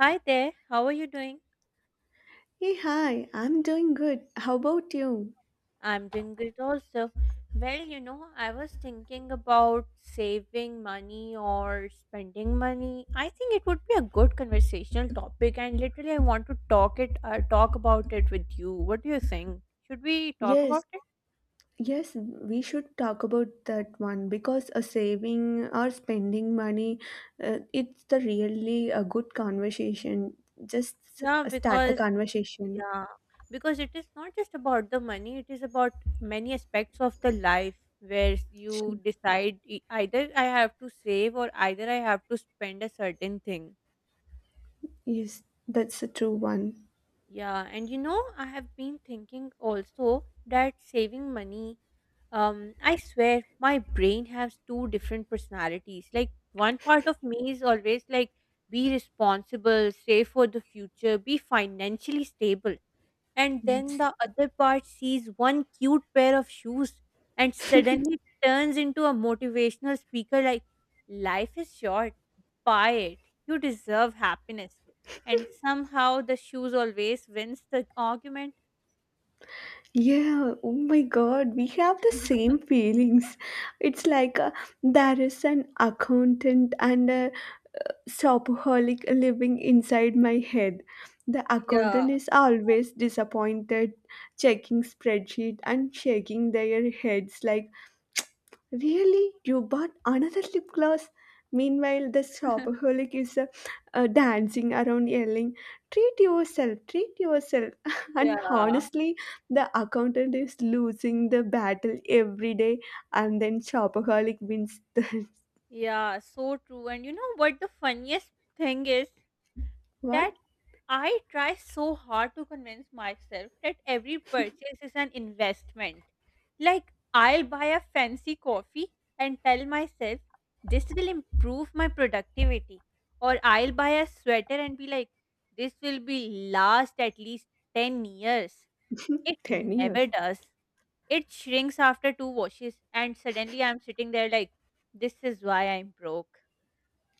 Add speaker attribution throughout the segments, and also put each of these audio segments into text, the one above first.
Speaker 1: Hi there, how are you doing?
Speaker 2: Hey, hi, I'm doing good. How about you?
Speaker 1: I'm doing great also. Well, I was thinking about saving money or spending money. I think it would be a good conversational topic, and literally, I want to talk about it with you. What do you think? Should we talk
Speaker 2: Yes,
Speaker 1: about it?
Speaker 2: yes, we should talk about that one because a saving or spending money, it's the really a good conversation. Just
Speaker 1: Yeah,
Speaker 2: start the
Speaker 1: because
Speaker 2: conversation.
Speaker 1: yeah, because it is not just about the money. It is about many aspects of the life where you
Speaker 2: Sure.
Speaker 1: decide either I have to save or either I have to spend a certain thing.
Speaker 2: Yes, that's a true one.
Speaker 1: Yeah, and I have been thinking also that saving money, I swear my brain has two different personalities. Like, one part of me is always like, be responsible, save for the future, be financially stable, and then
Speaker 2: Yes.
Speaker 1: the other part sees one cute pair of shoes and suddenly turns into a motivational speaker like, life is short, buy it, you deserve happiness, and somehow the shoes always wins the argument.
Speaker 2: Yeah, oh my God, we have the same feelings. It's like there is an accountant and a shopaholic living inside my head. The
Speaker 1: yeah
Speaker 2: accountant is always disappointed, checking spreadsheet and shaking their heads like, "Really, you bought another lip gloss?" Meanwhile, the shopaholic is dancing around, yelling, "Treat yourself, treat yourself!" And
Speaker 1: yeah
Speaker 2: honestly, the accountant is losing the battle every day, and then shopaholic wins the
Speaker 1: yeah so true. And you know what the funniest thing is,
Speaker 2: what
Speaker 1: that I try so hard to convince myself that every purchase is an investment. Like, I'll buy a fancy coffee and tell myself, this will improve my productivity. Or I'll buy a sweater and be like, this will be last at least 10 years. It
Speaker 2: ten
Speaker 1: never
Speaker 2: years.
Speaker 1: does. It shrinks after two washes, and suddenly I'm sitting there like, this is why I'm broke.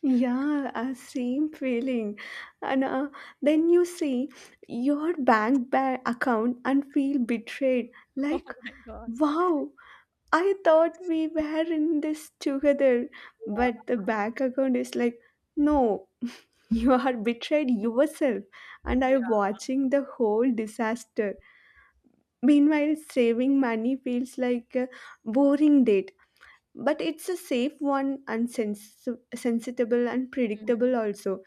Speaker 2: Yeah, same feeling. And then you see your account and feel betrayed.
Speaker 1: Oh
Speaker 2: Like,
Speaker 1: my god.
Speaker 2: wow, I thought we were in this together.
Speaker 1: Yeah.
Speaker 2: But the bank account is like, no, you are betrayed yourself. And I'm watching the whole disaster. Meanwhile, saving money feels like a boring date, but it's a safe one and sensible and
Speaker 1: Yeah.
Speaker 2: predictable also.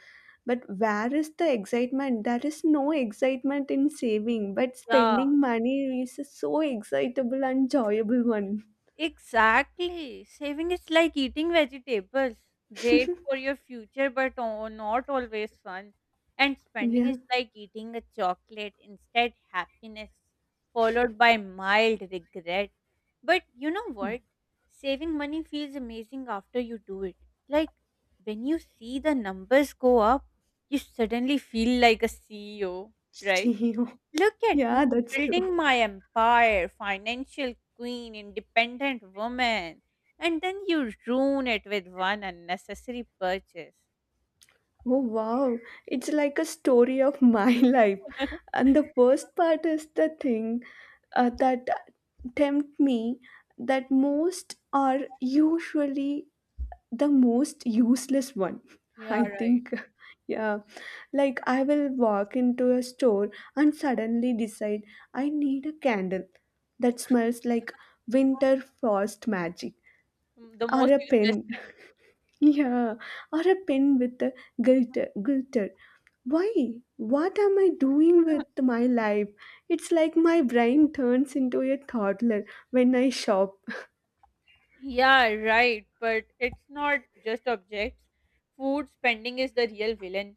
Speaker 2: But where is the excitement? There is no excitement in saving, but
Speaker 1: Mm.
Speaker 2: spending money is a so excitable and joyable one.
Speaker 1: Exactly. Saving is like eating vegetables. Great for your future, but oh, not always fun. And spending
Speaker 2: Yeah.
Speaker 1: is like eating a chocolate, instead, happiness, followed by mild regret. But you know what? Saving money feels amazing after you do it. Like when you see the numbers go up, you suddenly feel like a CEO, right?
Speaker 2: CEO.
Speaker 1: Look at
Speaker 2: Yeah,
Speaker 1: me
Speaker 2: that's true.
Speaker 1: building my empire, financial queen, independent woman, and then you ruin it with one unnecessary purchase.
Speaker 2: Oh wow, it's like a story of my life. And the worst part is the thing that tempt me that most are usually the most useless one,
Speaker 1: Yeah,
Speaker 2: I
Speaker 1: right.
Speaker 2: think. Yeah, like I will walk into a store and suddenly decide I need a candle that smells like winter frost magic,
Speaker 1: Mm, the
Speaker 2: or
Speaker 1: most
Speaker 2: a pen.
Speaker 1: useless
Speaker 2: Yeah, or a pen with a glitter. Why? What am I doing
Speaker 1: thing.
Speaker 2: with my life? It's like my brain turns into a toddler when I shop.
Speaker 1: yeah, right. But it's not just objects. Food spending is the real villain.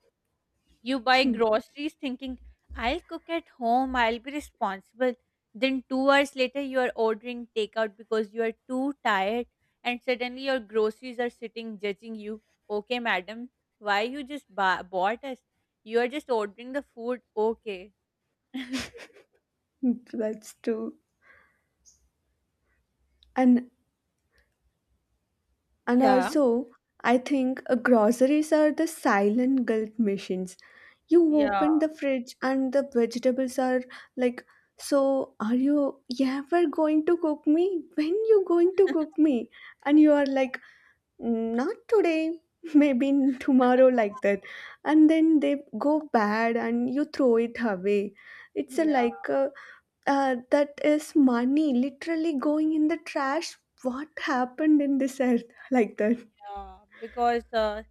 Speaker 1: You buy groceries thinking, I'll cook at home, I'll be responsible. Then, 2 hours later, you are ordering takeout because you are too tired, and suddenly your groceries are sitting judging you. Okay, madam, why you just bought us? You are just ordering the food. Okay.
Speaker 2: That's true. and And
Speaker 1: Yeah.
Speaker 2: also, I think groceries are the silent guilt machines. You
Speaker 1: Yeah,
Speaker 2: open the fridge and the vegetables are like, so are you ever going to cook me? When you going to cook me? And you are like, "Mm, not today, maybe tomorrow," like that. And then they go bad and you throw it away. It's a
Speaker 1: yeah,
Speaker 2: like that is money literally going in the trash. What happened in this earth, like that?
Speaker 1: yeah. Because uh,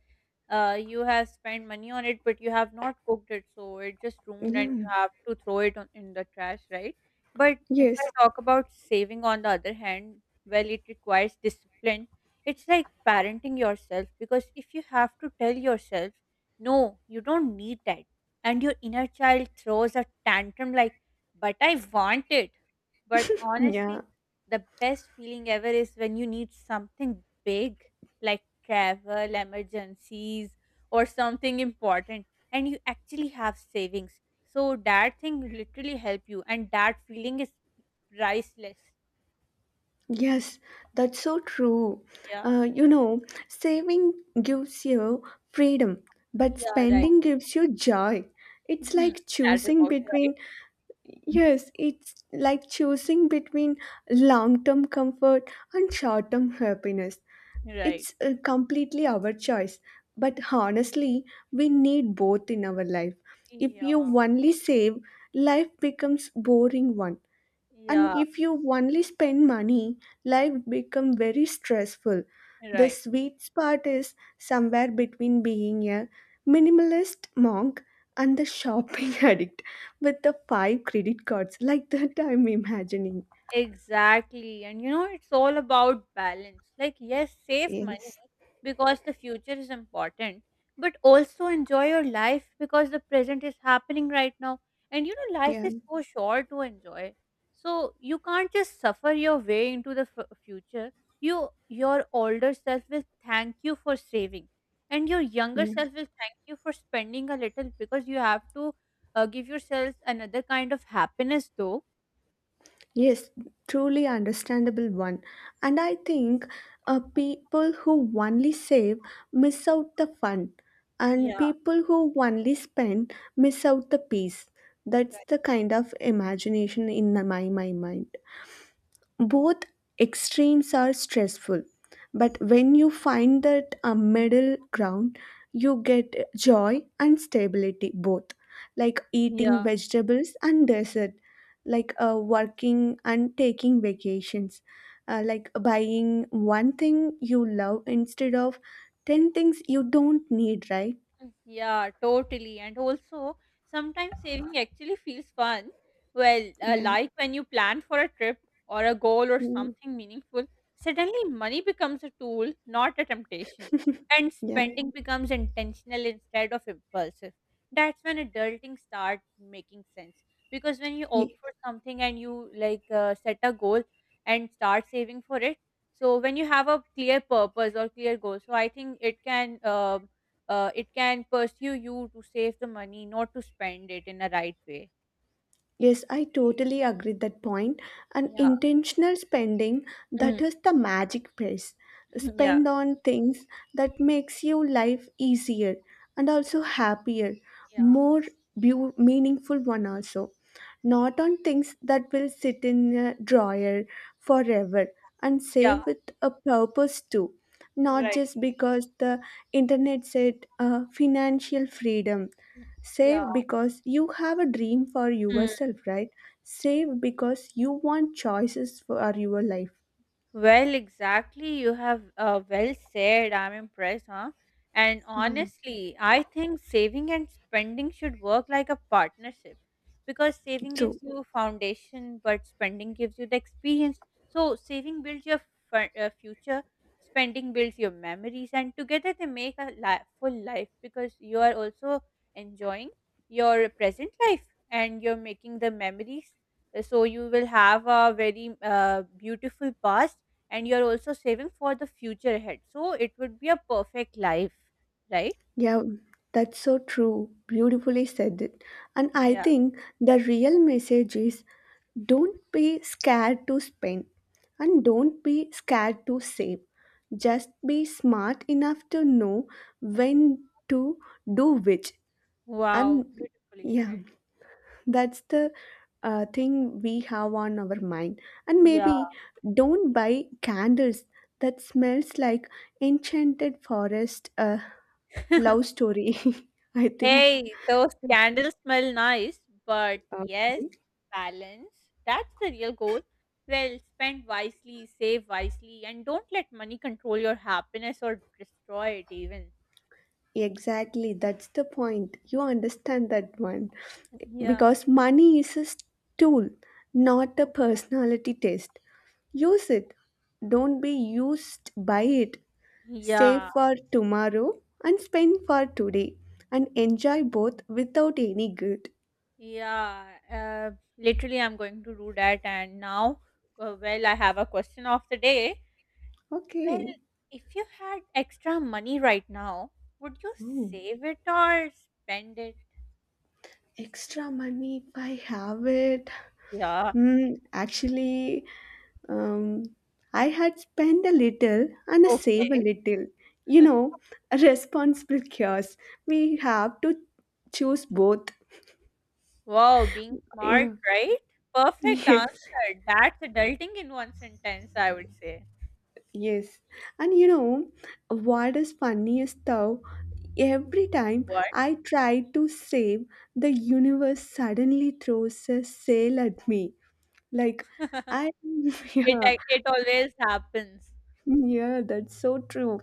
Speaker 1: uh, you have spent money on it, but you have not cooked it, so it just ruined and
Speaker 2: Yeah.
Speaker 1: you have to throw it on, in the trash, right? But if
Speaker 2: Yes.
Speaker 1: I talk about saving on the other hand, well, it requires discipline. It's like parenting yourself, because if you have to tell yourself, no, you don't need that, and your inner child throws a tantrum like, but I want it. But
Speaker 2: Yeah.
Speaker 1: honestly, the best feeling ever is when you need something big, like travel, emergencies, or something important, and you actually have savings. So that thing literally help you, and that feeling is priceless.
Speaker 2: Yes. That's so true.
Speaker 1: Yeah.
Speaker 2: You know, saving gives you freedom, but
Speaker 1: Yeah, right.
Speaker 2: spending gives you joy. It's
Speaker 1: Mhm.
Speaker 2: like
Speaker 1: That is
Speaker 2: choosing
Speaker 1: also right.
Speaker 2: between, yes, it's like choosing between long term comfort and short term happiness.
Speaker 1: Right.
Speaker 2: It's completely our choice. But honestly, we need both in our life. If
Speaker 1: Yeah,
Speaker 2: you only save, life becomes boring one, and
Speaker 1: yeah,
Speaker 2: if you only spend money, life become very stressful. The
Speaker 1: right.
Speaker 2: sweet spot is somewhere between being a minimalist monk and the shopping addict with the five credit cards, like that I'm imagining.
Speaker 1: Exactly. And it's all about balance. Like, yes, save money
Speaker 2: Yes.
Speaker 1: because the future is important, but also enjoy your life because the present is happening right now. And life
Speaker 2: Yeah.
Speaker 1: is so short to enjoy. So you can't just suffer your way into the future. You, your older self will thank you for saving, and your younger
Speaker 2: Yeah.
Speaker 1: self will thank you for spending a little because you have to give yourself another kind of happiness, though.
Speaker 2: Yes, truly understandable one. And I think people who only save miss out the fun, and
Speaker 1: Yeah.
Speaker 2: people who only spend miss out the peace. That's
Speaker 1: Right.
Speaker 2: the kind of imagination in my mind. Both extremes are stressful, but when you find that a middle ground, you get joy and stability both, like eating
Speaker 1: Yeah.
Speaker 2: vegetables and dessert, like working and taking vacations, like buying one thing you love instead of 10 things you don't need, right?
Speaker 1: Mm, yeah, totally. And also, sometimes saving actually feels fun. Well,
Speaker 2: Yeah.
Speaker 1: like when you plan for a trip or a goal or
Speaker 2: Mm.
Speaker 1: something meaningful, suddenly money becomes a tool, not a temptation. And
Speaker 2: Yeah.
Speaker 1: spending becomes intentional instead of impulsive. That's when adulting start making sense. Because when you opt
Speaker 2: Ye-
Speaker 1: for something and you like set a goal and start saving for it, so when you have a clear purpose or clear goal, so I think it can. It can pursue you to save the money, not to spend it in a right way.
Speaker 2: Yes, I totally agree that point. And
Speaker 1: Yeah.
Speaker 2: intentional spending, that
Speaker 1: Mm.
Speaker 2: is the magic phrase.
Speaker 1: Yeah.
Speaker 2: Spend on things that makes your life easier and also happier,
Speaker 1: Yeah.
Speaker 2: more meaningful one also. Not on things that will sit in a drawer forever, and
Speaker 1: Yeah.
Speaker 2: save with a purpose too. Not
Speaker 1: Right.
Speaker 2: just because the internet said financial freedom.
Speaker 1: Yeah.
Speaker 2: Save because you have a dream for
Speaker 1: Mm.
Speaker 2: yourself, right? Save because you want choices for your life.
Speaker 1: Well, exactly. You have well said. I'm impressed, huh? And
Speaker 2: Yeah.
Speaker 1: honestly, I think saving and spending should work like a partnership because saving
Speaker 2: True.
Speaker 1: gives you a foundation, but spending gives you the experience. So, saving builds your future, spending builds your memories, and together they make a full life because you are also enjoying your present life and you're making the memories. So, you will have a very beautiful past and you're also saving for the future ahead. So it would be a perfect life, right?
Speaker 2: Yeah, that's so true. Beautifully said it. And I
Speaker 1: Yeah.
Speaker 2: think the real message is don't be scared to spend and don't be scared to save. Just be smart enough to know when to do which.
Speaker 1: Wow,
Speaker 2: And
Speaker 1: beautifully
Speaker 2: yeah.
Speaker 1: said.
Speaker 2: That's the thing we have on our mind. And
Speaker 1: Yeah.
Speaker 2: maybe don't buy candles that smells like enchanted forest love story. I think.
Speaker 1: Hey, those candles smell nice, but yes,
Speaker 2: Okay.
Speaker 1: balance. That's the real goal. Well, spend wisely, save wisely, and don't let money control your happiness or destroy it even.
Speaker 2: Exactly, that's the point. You understand that one.
Speaker 1: Yeah.
Speaker 2: Because money is a tool, not a personality test. Use it. Don't be used by it. Save
Speaker 1: Yeah,
Speaker 2: for tomorrow and spend for today, and enjoy both without any guilt.
Speaker 1: yeah. Literally, I'm going to do that. And now, well, I have a question of the day. Well,
Speaker 2: Okay.
Speaker 1: if you had extra money right now, would you
Speaker 2: Ooh,
Speaker 1: save it or spend it?
Speaker 2: extra money if I have it.
Speaker 1: Yeah.
Speaker 2: Hmm. Actually, um, I had spent a little and save a
Speaker 1: Okay.
Speaker 2: little. You know, a responsible cures. We have to choose both.
Speaker 1: Wow, being smart,
Speaker 2: Yeah.
Speaker 1: right? Perfect answer.
Speaker 2: Yes.
Speaker 1: That's adulting in one sentence, I would say.
Speaker 2: Yes, and you know what is funniest though? Every time
Speaker 1: What?
Speaker 2: I try to save, the universe suddenly throws a sale at me. Like I,
Speaker 1: it
Speaker 2: yeah,
Speaker 1: it always happens.
Speaker 2: yeah, that's so true.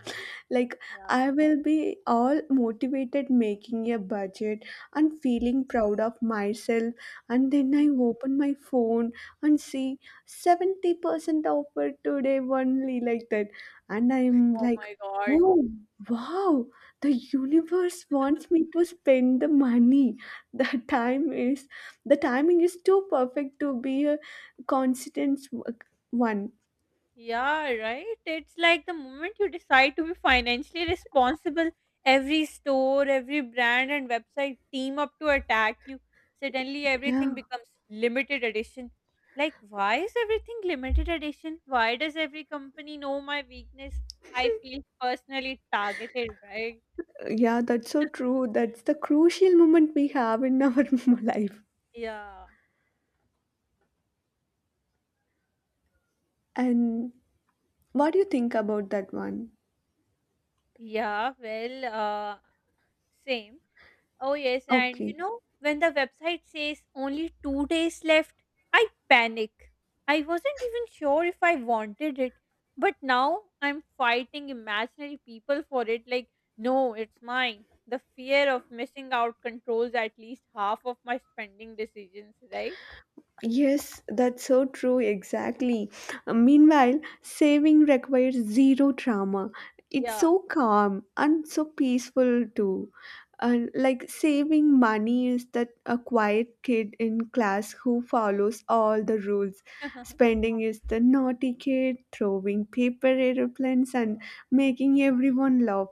Speaker 2: Like,
Speaker 1: Yeah.
Speaker 2: I will be all motivated making a budget and feeling proud of myself. And then I open my phone and see 70% offer today only, like that. And I'm
Speaker 1: Oh
Speaker 2: like,
Speaker 1: my god.
Speaker 2: oh, wow, the universe wants me to spend the money. The time is, the timing is too perfect to be a constant one.
Speaker 1: Yeah, right? It's like the moment you decide to be financially responsible, every store, every brand and website team up to attack you. Suddenly
Speaker 2: Yeah.
Speaker 1: everything becomes limited edition. Like, why is everything limited edition? Why does every company know my weakness? I feel personally targeted, right?
Speaker 2: Yeah, that's so true. That's the crucial moment we have in our life.
Speaker 1: Yeah.
Speaker 2: And what do you think about that one?
Speaker 1: Yeah, well, same. Oh, yes. And
Speaker 2: Okay.
Speaker 1: when the website says only 2 days left, I panic. I wasn't even sure if I wanted it. But now I'm fighting imaginary people for it. Like, no, it's mine. The fear of missing out controls at least half of my spending decisions, right?
Speaker 2: Yes, that's so true, exactly. Meanwhile, saving requires zero drama. It's
Speaker 1: Yeah.
Speaker 2: so calm and so peaceful too. And like saving money is that a quiet kid in class who follows all the rules. Spending is the naughty kid throwing paper airplanes and making everyone laugh.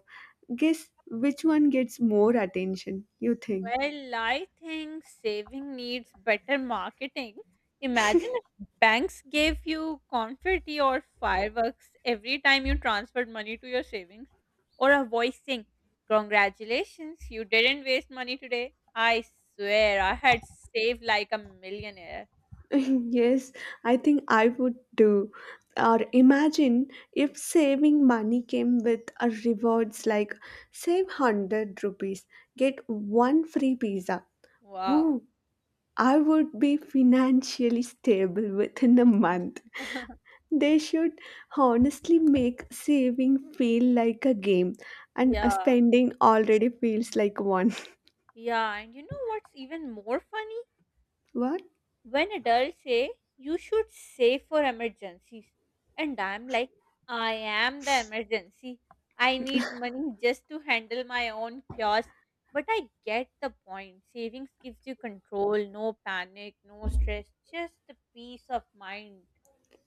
Speaker 2: Guess which one gets more attention, you think?
Speaker 1: Well, I think saving needs better marketing. Imagine if banks gave you confetti or fireworks every time you transferred money to your savings, or a voice saying, congratulations, you didn't waste money today. I swear, I had saved like a millionaire.
Speaker 2: Yes, I think I would do. Or imagine if saving money came with a rewards like save 100 rupees, get one free pizza.
Speaker 1: Wow.
Speaker 2: Ooh, I would be financially stable within a month. They should honestly make saving feel like a game, and
Speaker 1: Yeah.
Speaker 2: spending already feels like one.
Speaker 1: Yeah. And you know what's even more funny?
Speaker 2: What?
Speaker 1: When adults say, you should save for emergencies, and I'm like, I am the emergency, I need money just to handle my own chaos. But I get the point, savings gives you control, no panic, no stress, just the peace of mind.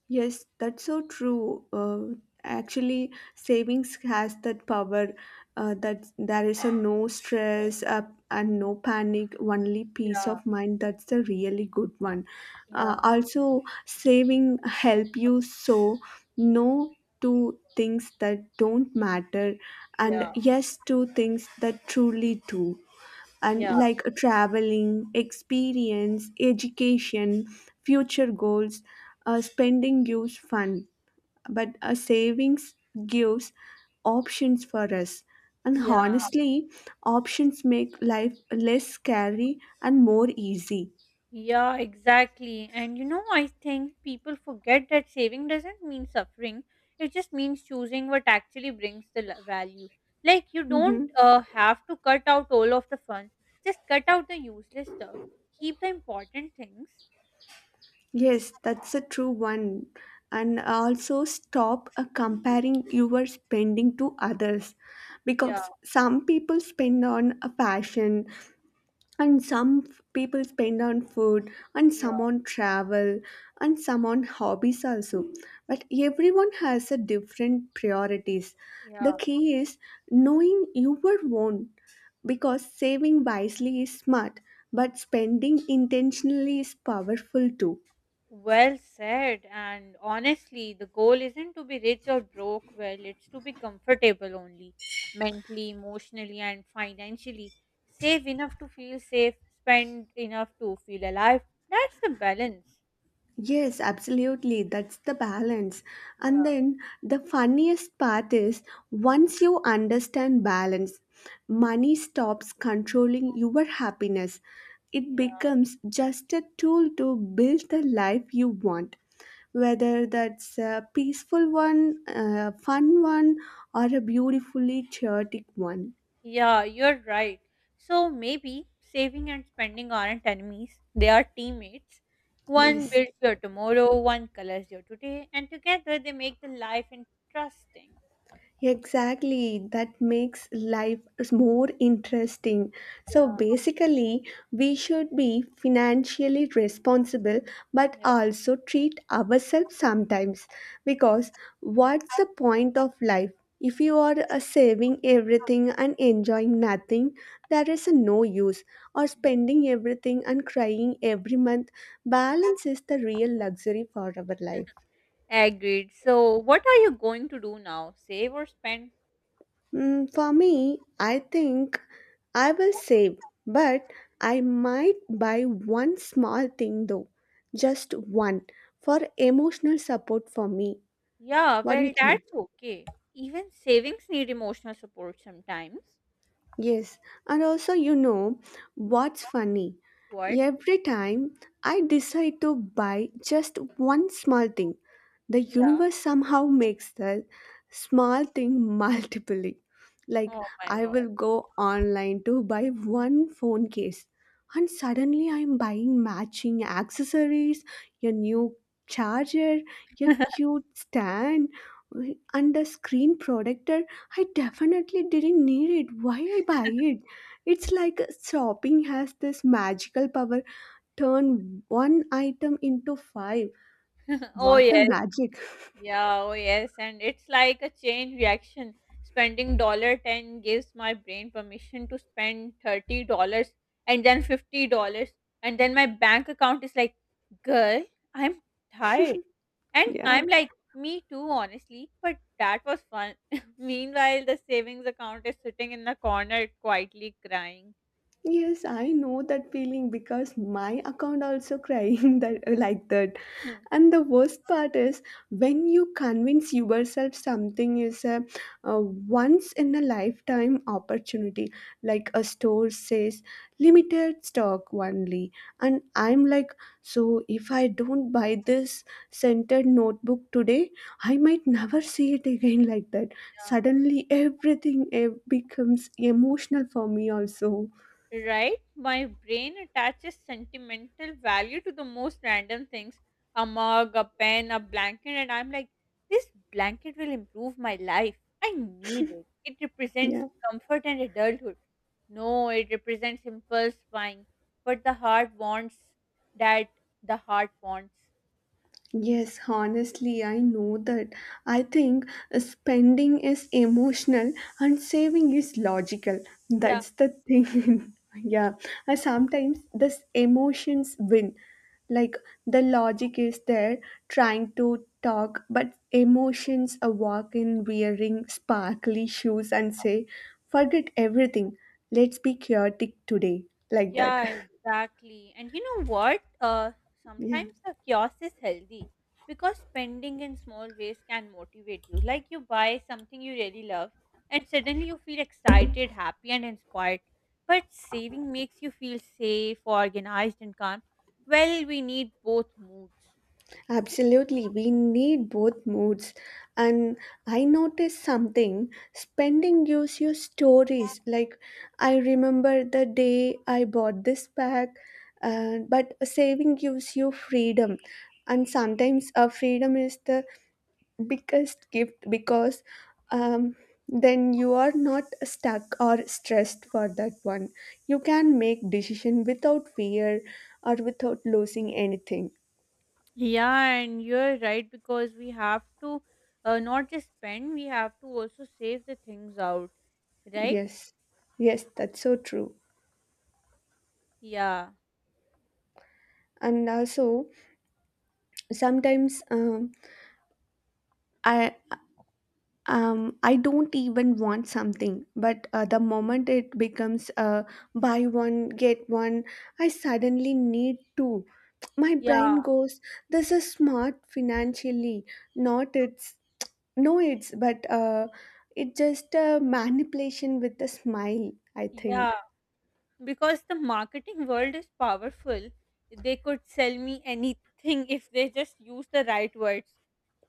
Speaker 2: Yes, that's so true. Actually, savings has that power that there is a no stress and no panic, only peace
Speaker 1: Yeah.
Speaker 2: of mind. That's the really good one.
Speaker 1: Yeah.
Speaker 2: Also, saving help you so no to things that don't matter, and
Speaker 1: Yeah,
Speaker 2: yes to things that truly do, and
Speaker 1: yeah,
Speaker 2: like traveling, experience, education, future goals. Spending gives fun, but a savings gives options for us. And
Speaker 1: yeah.
Speaker 2: honestly, options make life less scary and more easy.
Speaker 1: Yeah, exactly. And I think people forget that saving doesn't mean suffering. It just means choosing what actually brings the value. Like, you don't
Speaker 2: Mm-hmm.
Speaker 1: have to cut out all of the fun. Just cut out the useless stuff. Keep the important things.
Speaker 2: Yes, that's a true one. And also stop comparing your spending to others,
Speaker 1: Yeah,
Speaker 2: because some people spend on a fashion, and some people spend on food, and
Speaker 1: yeah,
Speaker 2: some on travel, and some on hobbies also. But everyone has a different priorities. The
Speaker 1: yeah.
Speaker 2: key is knowing your own, because saving wisely is smart, but spending intentionally is powerful too.
Speaker 1: Well said. And honestly, the goal isn't to be rich or broke. Well, it's to be comfortable only, mentally, emotionally, and financially. Save enough to feel safe, spend enough to feel alive. That's the balance.
Speaker 2: Yes, absolutely. That's the balance. And
Speaker 1: Yeah,
Speaker 2: then the funniest part is once you understand balance, money stops controlling your happiness. It
Speaker 1: yeah.
Speaker 2: becomes just a tool to build the life you want, whether that's a peaceful one, a fun one, or a beautifully chaotic one.
Speaker 1: Yeah, you're right. So maybe saving and spending aren't enemies, they are teammates. One
Speaker 2: Yes.
Speaker 1: builds your tomorrow, one colors your today, and together they make the life interesting.
Speaker 2: Exactly, that makes life is more interesting. So
Speaker 1: Yeah,
Speaker 2: basically, we should be financially responsible but
Speaker 1: yeah.
Speaker 2: also treat ourselves sometimes, because what's the point of life? If you are saving everything and enjoying nothing, there is no use. Or spending everything and crying every month, balance is the real luxury for our life.
Speaker 1: Agreed. So, what are you going to do now? Save or spend?
Speaker 2: Mm, for me, I think I will save, but I might buy one small thing though, just one, for emotional support for me.
Speaker 1: Yeah,
Speaker 2: What do you
Speaker 1: well,
Speaker 2: think?
Speaker 1: that's okay. Even savings need emotional support sometimes.
Speaker 2: Yes, and also, you know what's funny?
Speaker 1: What?
Speaker 2: Every time I decide to buy just one small thing, the
Speaker 1: Yeah.
Speaker 2: universe somehow makes the small thing multiply. Like,
Speaker 1: Oh my
Speaker 2: I
Speaker 1: god.
Speaker 2: will go online to buy one phone case, and suddenly I'm buying matching accessories, a new charger, a cute stand, and a screen protector I definitely didn't need it. Why I buy it? It's like shopping has this magical power. Turn one item into five.
Speaker 1: Oh
Speaker 2: What a
Speaker 1: yes.
Speaker 2: magic.
Speaker 1: Yeah, oh yes. And it's like a chain reaction. Spending dollar ten gives my brain permission to spend $30 and then $50. And then my bank account is like, girl, I'm tired. And
Speaker 2: Yeah.
Speaker 1: I'm like, me too, honestly, but that was fun. Meanwhile, the savings account is sitting in the corner quietly crying.
Speaker 2: Yes, I know that feeling because my account also crying that like that.
Speaker 1: Hmm.
Speaker 2: And the worst part is when you convince yourself something is a once in a lifetime opportunity, like a store says limited stock only. And I'm like, so if I don't buy this scented notebook today, I might never see it again, like that. Suddenly, everything becomes emotional for me, also.
Speaker 1: Yeah. Right? My brain attaches sentimental value to the most random things, a mug, a pen, a blanket, and I'm like, this blanket will improve my life. I need it. It represents
Speaker 2: Yeah.
Speaker 1: comfort and adulthood. No, it represents impulse buying, but the heart wants that the heart wants.
Speaker 2: Yes, honestly, I know that. I think spending is emotional and saving is logical. That's the thing. Yeah, sometimes this emotions win. Like the logic is there trying to talk, but emotions walk in wearing sparkly shoes and say, forget everything. Let's be chaotic today. Like that.
Speaker 1: Yeah, exactly. And you know what?
Speaker 2: Yeah.
Speaker 1: Sometimes the kiosk is healthy because spending in small ways can motivate you. Like you buy something you really love and suddenly you feel excited, happy, and inspired. But saving makes you feel safe, organized, and calm. Well, we need both moods.
Speaker 2: Absolutely, we need both moods. And I noticed something spending gives you stories. Like, I remember the day I bought this pack, but saving gives you freedom. And sometimes freedom is the biggest gift, because um, then you are not stuck or stressed for that one. You can make decision without fear or without losing anything.
Speaker 1: Yeah, and you're right because we have to not just spend, we have to also save the things out, right?
Speaker 2: Yes, yes, that's so true.
Speaker 1: Yeah.
Speaker 2: And also, sometimes I I don't even want something, but the
Speaker 1: Okay.
Speaker 2: moment it becomes buy one get one, I suddenly need two. My brain
Speaker 1: Yeah,
Speaker 2: goes, "This is smart financially, not it's no it's, but it's just a manipulation with a smile." I think.
Speaker 1: yeah. Because the marketing world is powerful. They could sell me anything if they just use the right words,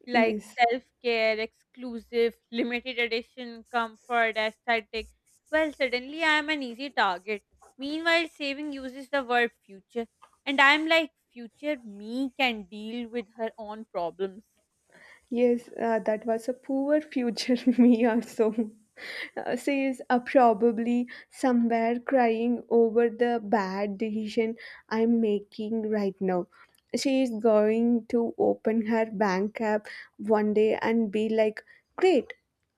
Speaker 1: like
Speaker 2: Yes.
Speaker 1: self-care, exclusive, limited edition, comfort, aesthetic. Well, suddenly I am an easy target. Meanwhile, saving uses the word future, and I'm like, future me can deal with her own problems.
Speaker 2: Yes, that was a poor future me also. She is probably somewhere crying over the bad decision I'm making right now. She is going to open her bank app one day and be like, great,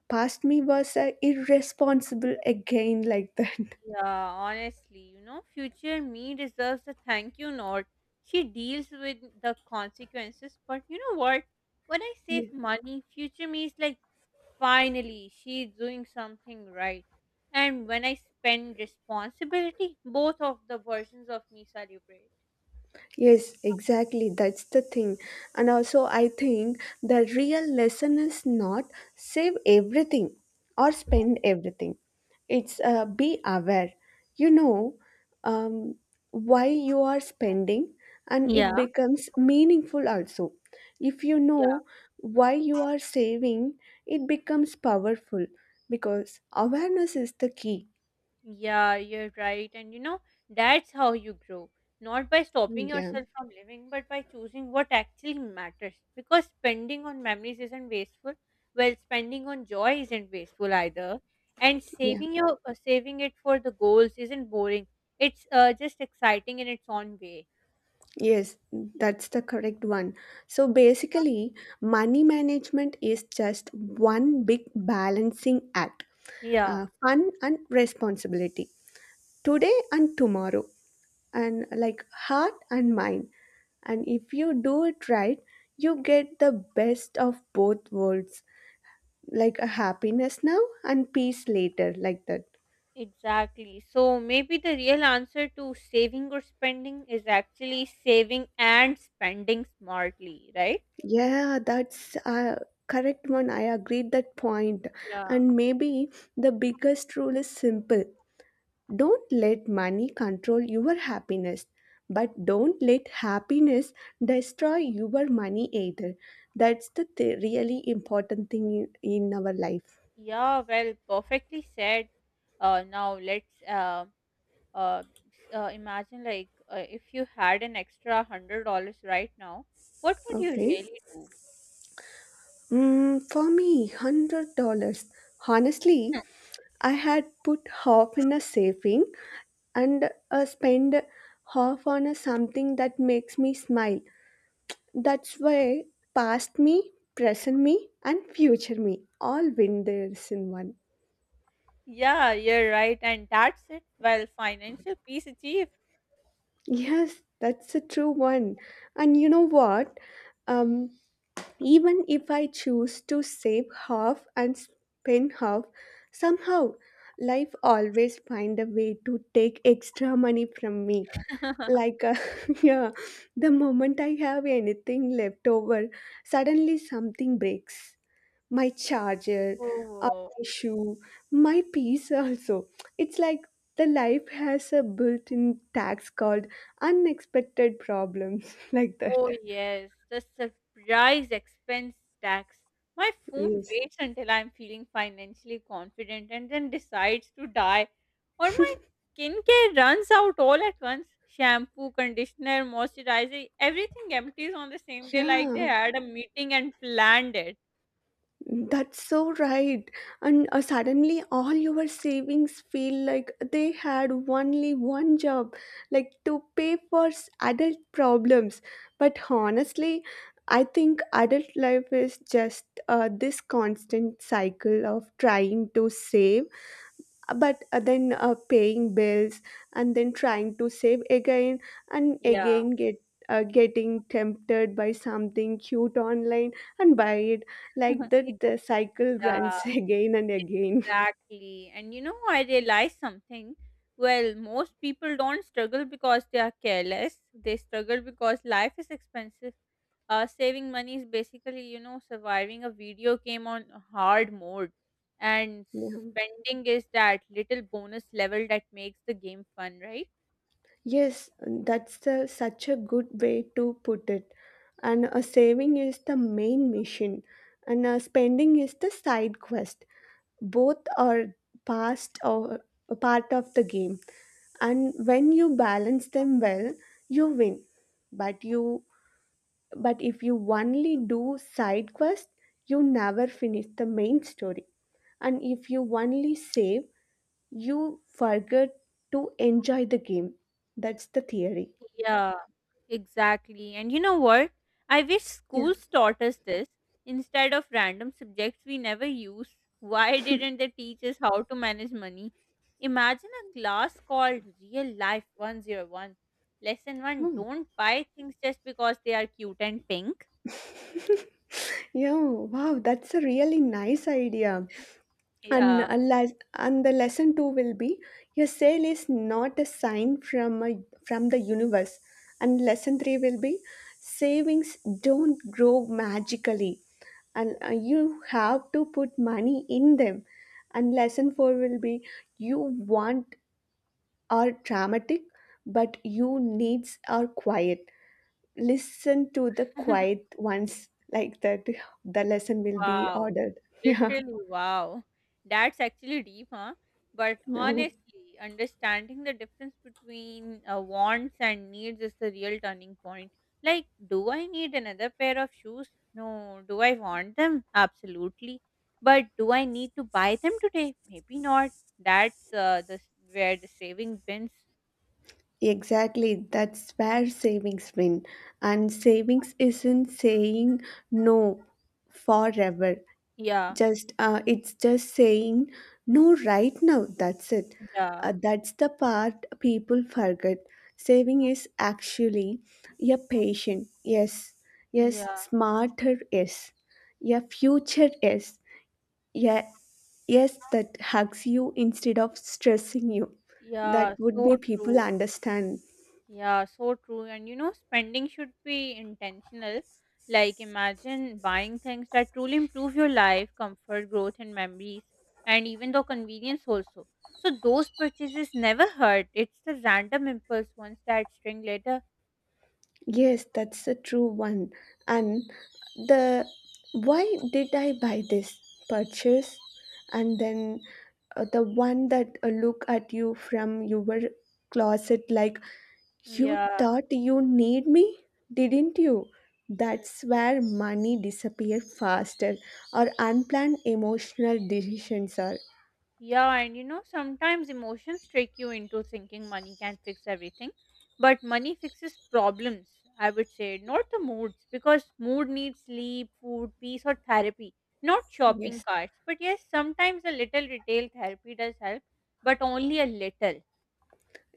Speaker 2: past me was irresponsible again like that.
Speaker 1: Yeah, honestly, future me deserves a thank you note. She deals with the consequences, but you know what? When I save money, future me is like, finally, she's doing something right. And when I spend responsibility, both of the versions of me celebrate.
Speaker 2: Yes, exactly. That's the thing. And also, I think the real lesson is not save everything or spend everything. It's be aware. You know um, why you are spending, and it
Speaker 1: Yeah.
Speaker 2: becomes meaningful also. If you know why you are saving, it becomes powerful because awareness is the key.
Speaker 1: Yeah, you're right. And you know, that's how you grow. Not by stopping
Speaker 2: Yeah,
Speaker 1: yourself from living, but by choosing what actually matters. Because spending on memories isn't wasteful. Well, spending on joy isn't wasteful either. And
Speaker 2: yeah.
Speaker 1: saving your saving it for the goals isn't boring. It's just exciting in its own way.
Speaker 2: Yes, that's the correct one. So basically, money management is just one big balancing act
Speaker 1: Yeah,
Speaker 2: fun and responsibility today and tomorrow, and like heart and mind. And if you do it right, you get the best of both worlds like a happiness now and peace later, like that.
Speaker 1: exactly. So maybe the real answer to saving or spending is actually saving and spending smartly, right?
Speaker 2: Yeah, that's a correct one. I agreed that point.
Speaker 1: Yeah.
Speaker 2: And maybe the biggest rule is simple. Don't let money control your happiness, but don't let happiness destroy your money either. That's the really important thing in our life.
Speaker 1: Yeah, well, perfectly said. Now let's uh, imagine like if you had an extra $100 right now, what would you
Speaker 2: Okay.
Speaker 1: really do?
Speaker 2: Mm, for me, $100. Honestly, I had put half in a saving and spend half on a something that makes me smile. That's why past me, present me, and future me all win theirs in one.
Speaker 1: Yeah, you're right, and that's it. Well, financial peace achieved.
Speaker 2: Yes, that's a true one. And you know what? Um, Even if I choose to save half and spend half, somehow life always find a way to take extra money from me. Like yeah, the moment I have anything left over, suddenly something breaks. My charger, uh,
Speaker 1: Oh,
Speaker 2: my shoe, my piece also. It's like the life has a built-in tax called unexpected problems like that.
Speaker 1: oh, yes, the surprise expense tax. My phone
Speaker 2: Yes.
Speaker 1: waits until I'm feeling financially confident and then decides to die. Or my skincare runs out all at once. Shampoo, conditioner, moisturizer, everything empties on the same day like they
Speaker 2: Yeah.
Speaker 1: had a meeting and planned it.
Speaker 2: That's so right. And suddenly, all your savings feel like they had only one job, like to pay for adult problems. But honestly, I think adult life is just this constant cycle of trying to save but then paying bills and then trying to save again and
Speaker 1: Yeah.
Speaker 2: again getting tempted by something cute online and buy it like that
Speaker 1: Ex-
Speaker 2: the cycle
Speaker 1: yeah.
Speaker 2: runs again and again
Speaker 1: Exactly. And you know, I realized something. Well, most people don't struggle because they are careless. They struggle because life is expensive. Saving money is basically, you know, surviving a video game on hard mode. And
Speaker 2: yeah.
Speaker 1: spending is that little bonus level that makes the game fun, right?
Speaker 2: Yes, that's such a good way to put it and saving is the main mission and spending is the side quest both are past or a part of the game and when you balance them well you win but you but if you only do side quest you never finish the main story and if you only save you forget to enjoy the game that's the theory
Speaker 1: Yeah, exactly. And you know what? I wish
Speaker 2: yeah.
Speaker 1: schools taught us this instead of random subjects we never use. Why didn't they teach us how to manage money? Imagine a class called Real Life 101. Lesson 1,
Speaker 2: Hmm.
Speaker 1: don't buy things just because they are cute and pink.
Speaker 2: Yeah, wow, that's a really nice idea. And,
Speaker 1: Yeah.
Speaker 2: and the lesson two will be your sale is not a sign from the universe. And lesson three will be savings don't grow magically, and you have to put money in them. And lesson four will be you want are dramatic, but you needs are quiet, listen to the quiet ones like that the lesson will be
Speaker 1: Wow.
Speaker 2: ordered yeah.
Speaker 1: Literally, wow. That's actually deep, huh? But
Speaker 2: No.
Speaker 1: honestly, understanding the difference between wants and needs is the real turning point. Like, do I need another pair of shoes? No. Do I want them? Absolutely. But do I need to buy them today? Maybe not. That's where the saving wins.
Speaker 2: Exactly, that's where savings win, and savings isn't saying no forever,
Speaker 1: Yeah.
Speaker 2: just it's just saying no right now that's it.
Speaker 1: Yeah.
Speaker 2: That's the part people forget, saving is actually a patient yes, yes
Speaker 1: Yeah.
Speaker 2: smarter is a future is. Yeah, yes, that hugs you instead of stressing you. That
Speaker 1: Yeah.
Speaker 2: would be
Speaker 1: So
Speaker 2: people
Speaker 1: true.
Speaker 2: understand.
Speaker 1: Yeah, so true. And you know, spending should be intentional. Like, imagine buying things that truly improve your life, comfort, growth, and memories, and even though convenience also. So, those purchases never hurt. It's the random impulse ones that string later.
Speaker 2: Yes, that's a true one. And the why did I buy this purchase? And then the one that look at you from your closet like you
Speaker 1: Yeah.
Speaker 2: thought you need me, didn't you?
Speaker 1: Hmm.
Speaker 2: That's where money disappear faster or unplanned emotional decisions are.
Speaker 1: Yeah, and you know, sometimes emotions trick you into thinking money can fix everything, but money fixes problems, I would say, not the moods, because mood needs sleep, food, peace, or therapy, not shopping
Speaker 2: Yes.
Speaker 1: carts. But yes, sometimes a little retail therapy does help, but only a little.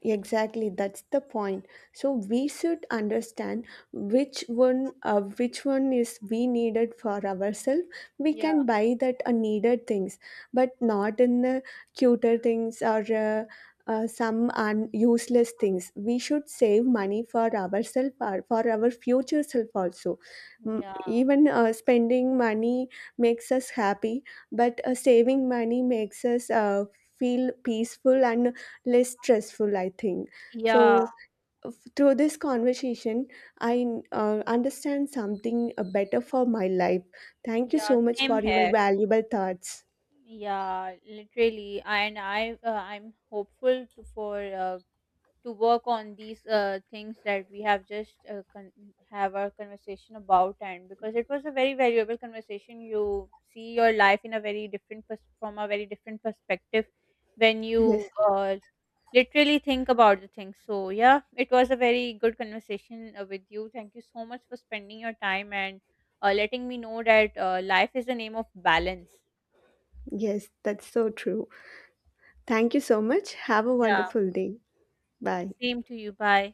Speaker 2: Exactly, that's the point. So we should understand which one is we needed for ourselves. We
Speaker 1: Yeah,
Speaker 2: can buy that needed things, but not in the cuter things or useless things. We should save money for ourselves or for our future self also. Mm,
Speaker 1: yeah,
Speaker 2: even spending money makes us happy, but saving money makes us feel peaceful and less stressful I think.
Speaker 1: yeah,
Speaker 2: So through this conversation I understand something better for my life, thank you
Speaker 1: yeah,
Speaker 2: so much
Speaker 1: same
Speaker 2: for your
Speaker 1: here.
Speaker 2: valuable thoughts.
Speaker 1: Yeah, literally, and I'm hopeful to work on these things that we have just have our conversation about, and because it was a very valuable conversation. You see your life in a very from a very different perspective when you
Speaker 2: yes
Speaker 1: literally think about the things. So yeah, it was a very good conversation with you. Thank you so much for spending your time and letting me know that life is the name of balance.
Speaker 2: yes, that's so true, thank you so much, have a
Speaker 1: Yeah,
Speaker 2: wonderful day, bye.
Speaker 1: same to you. Bye.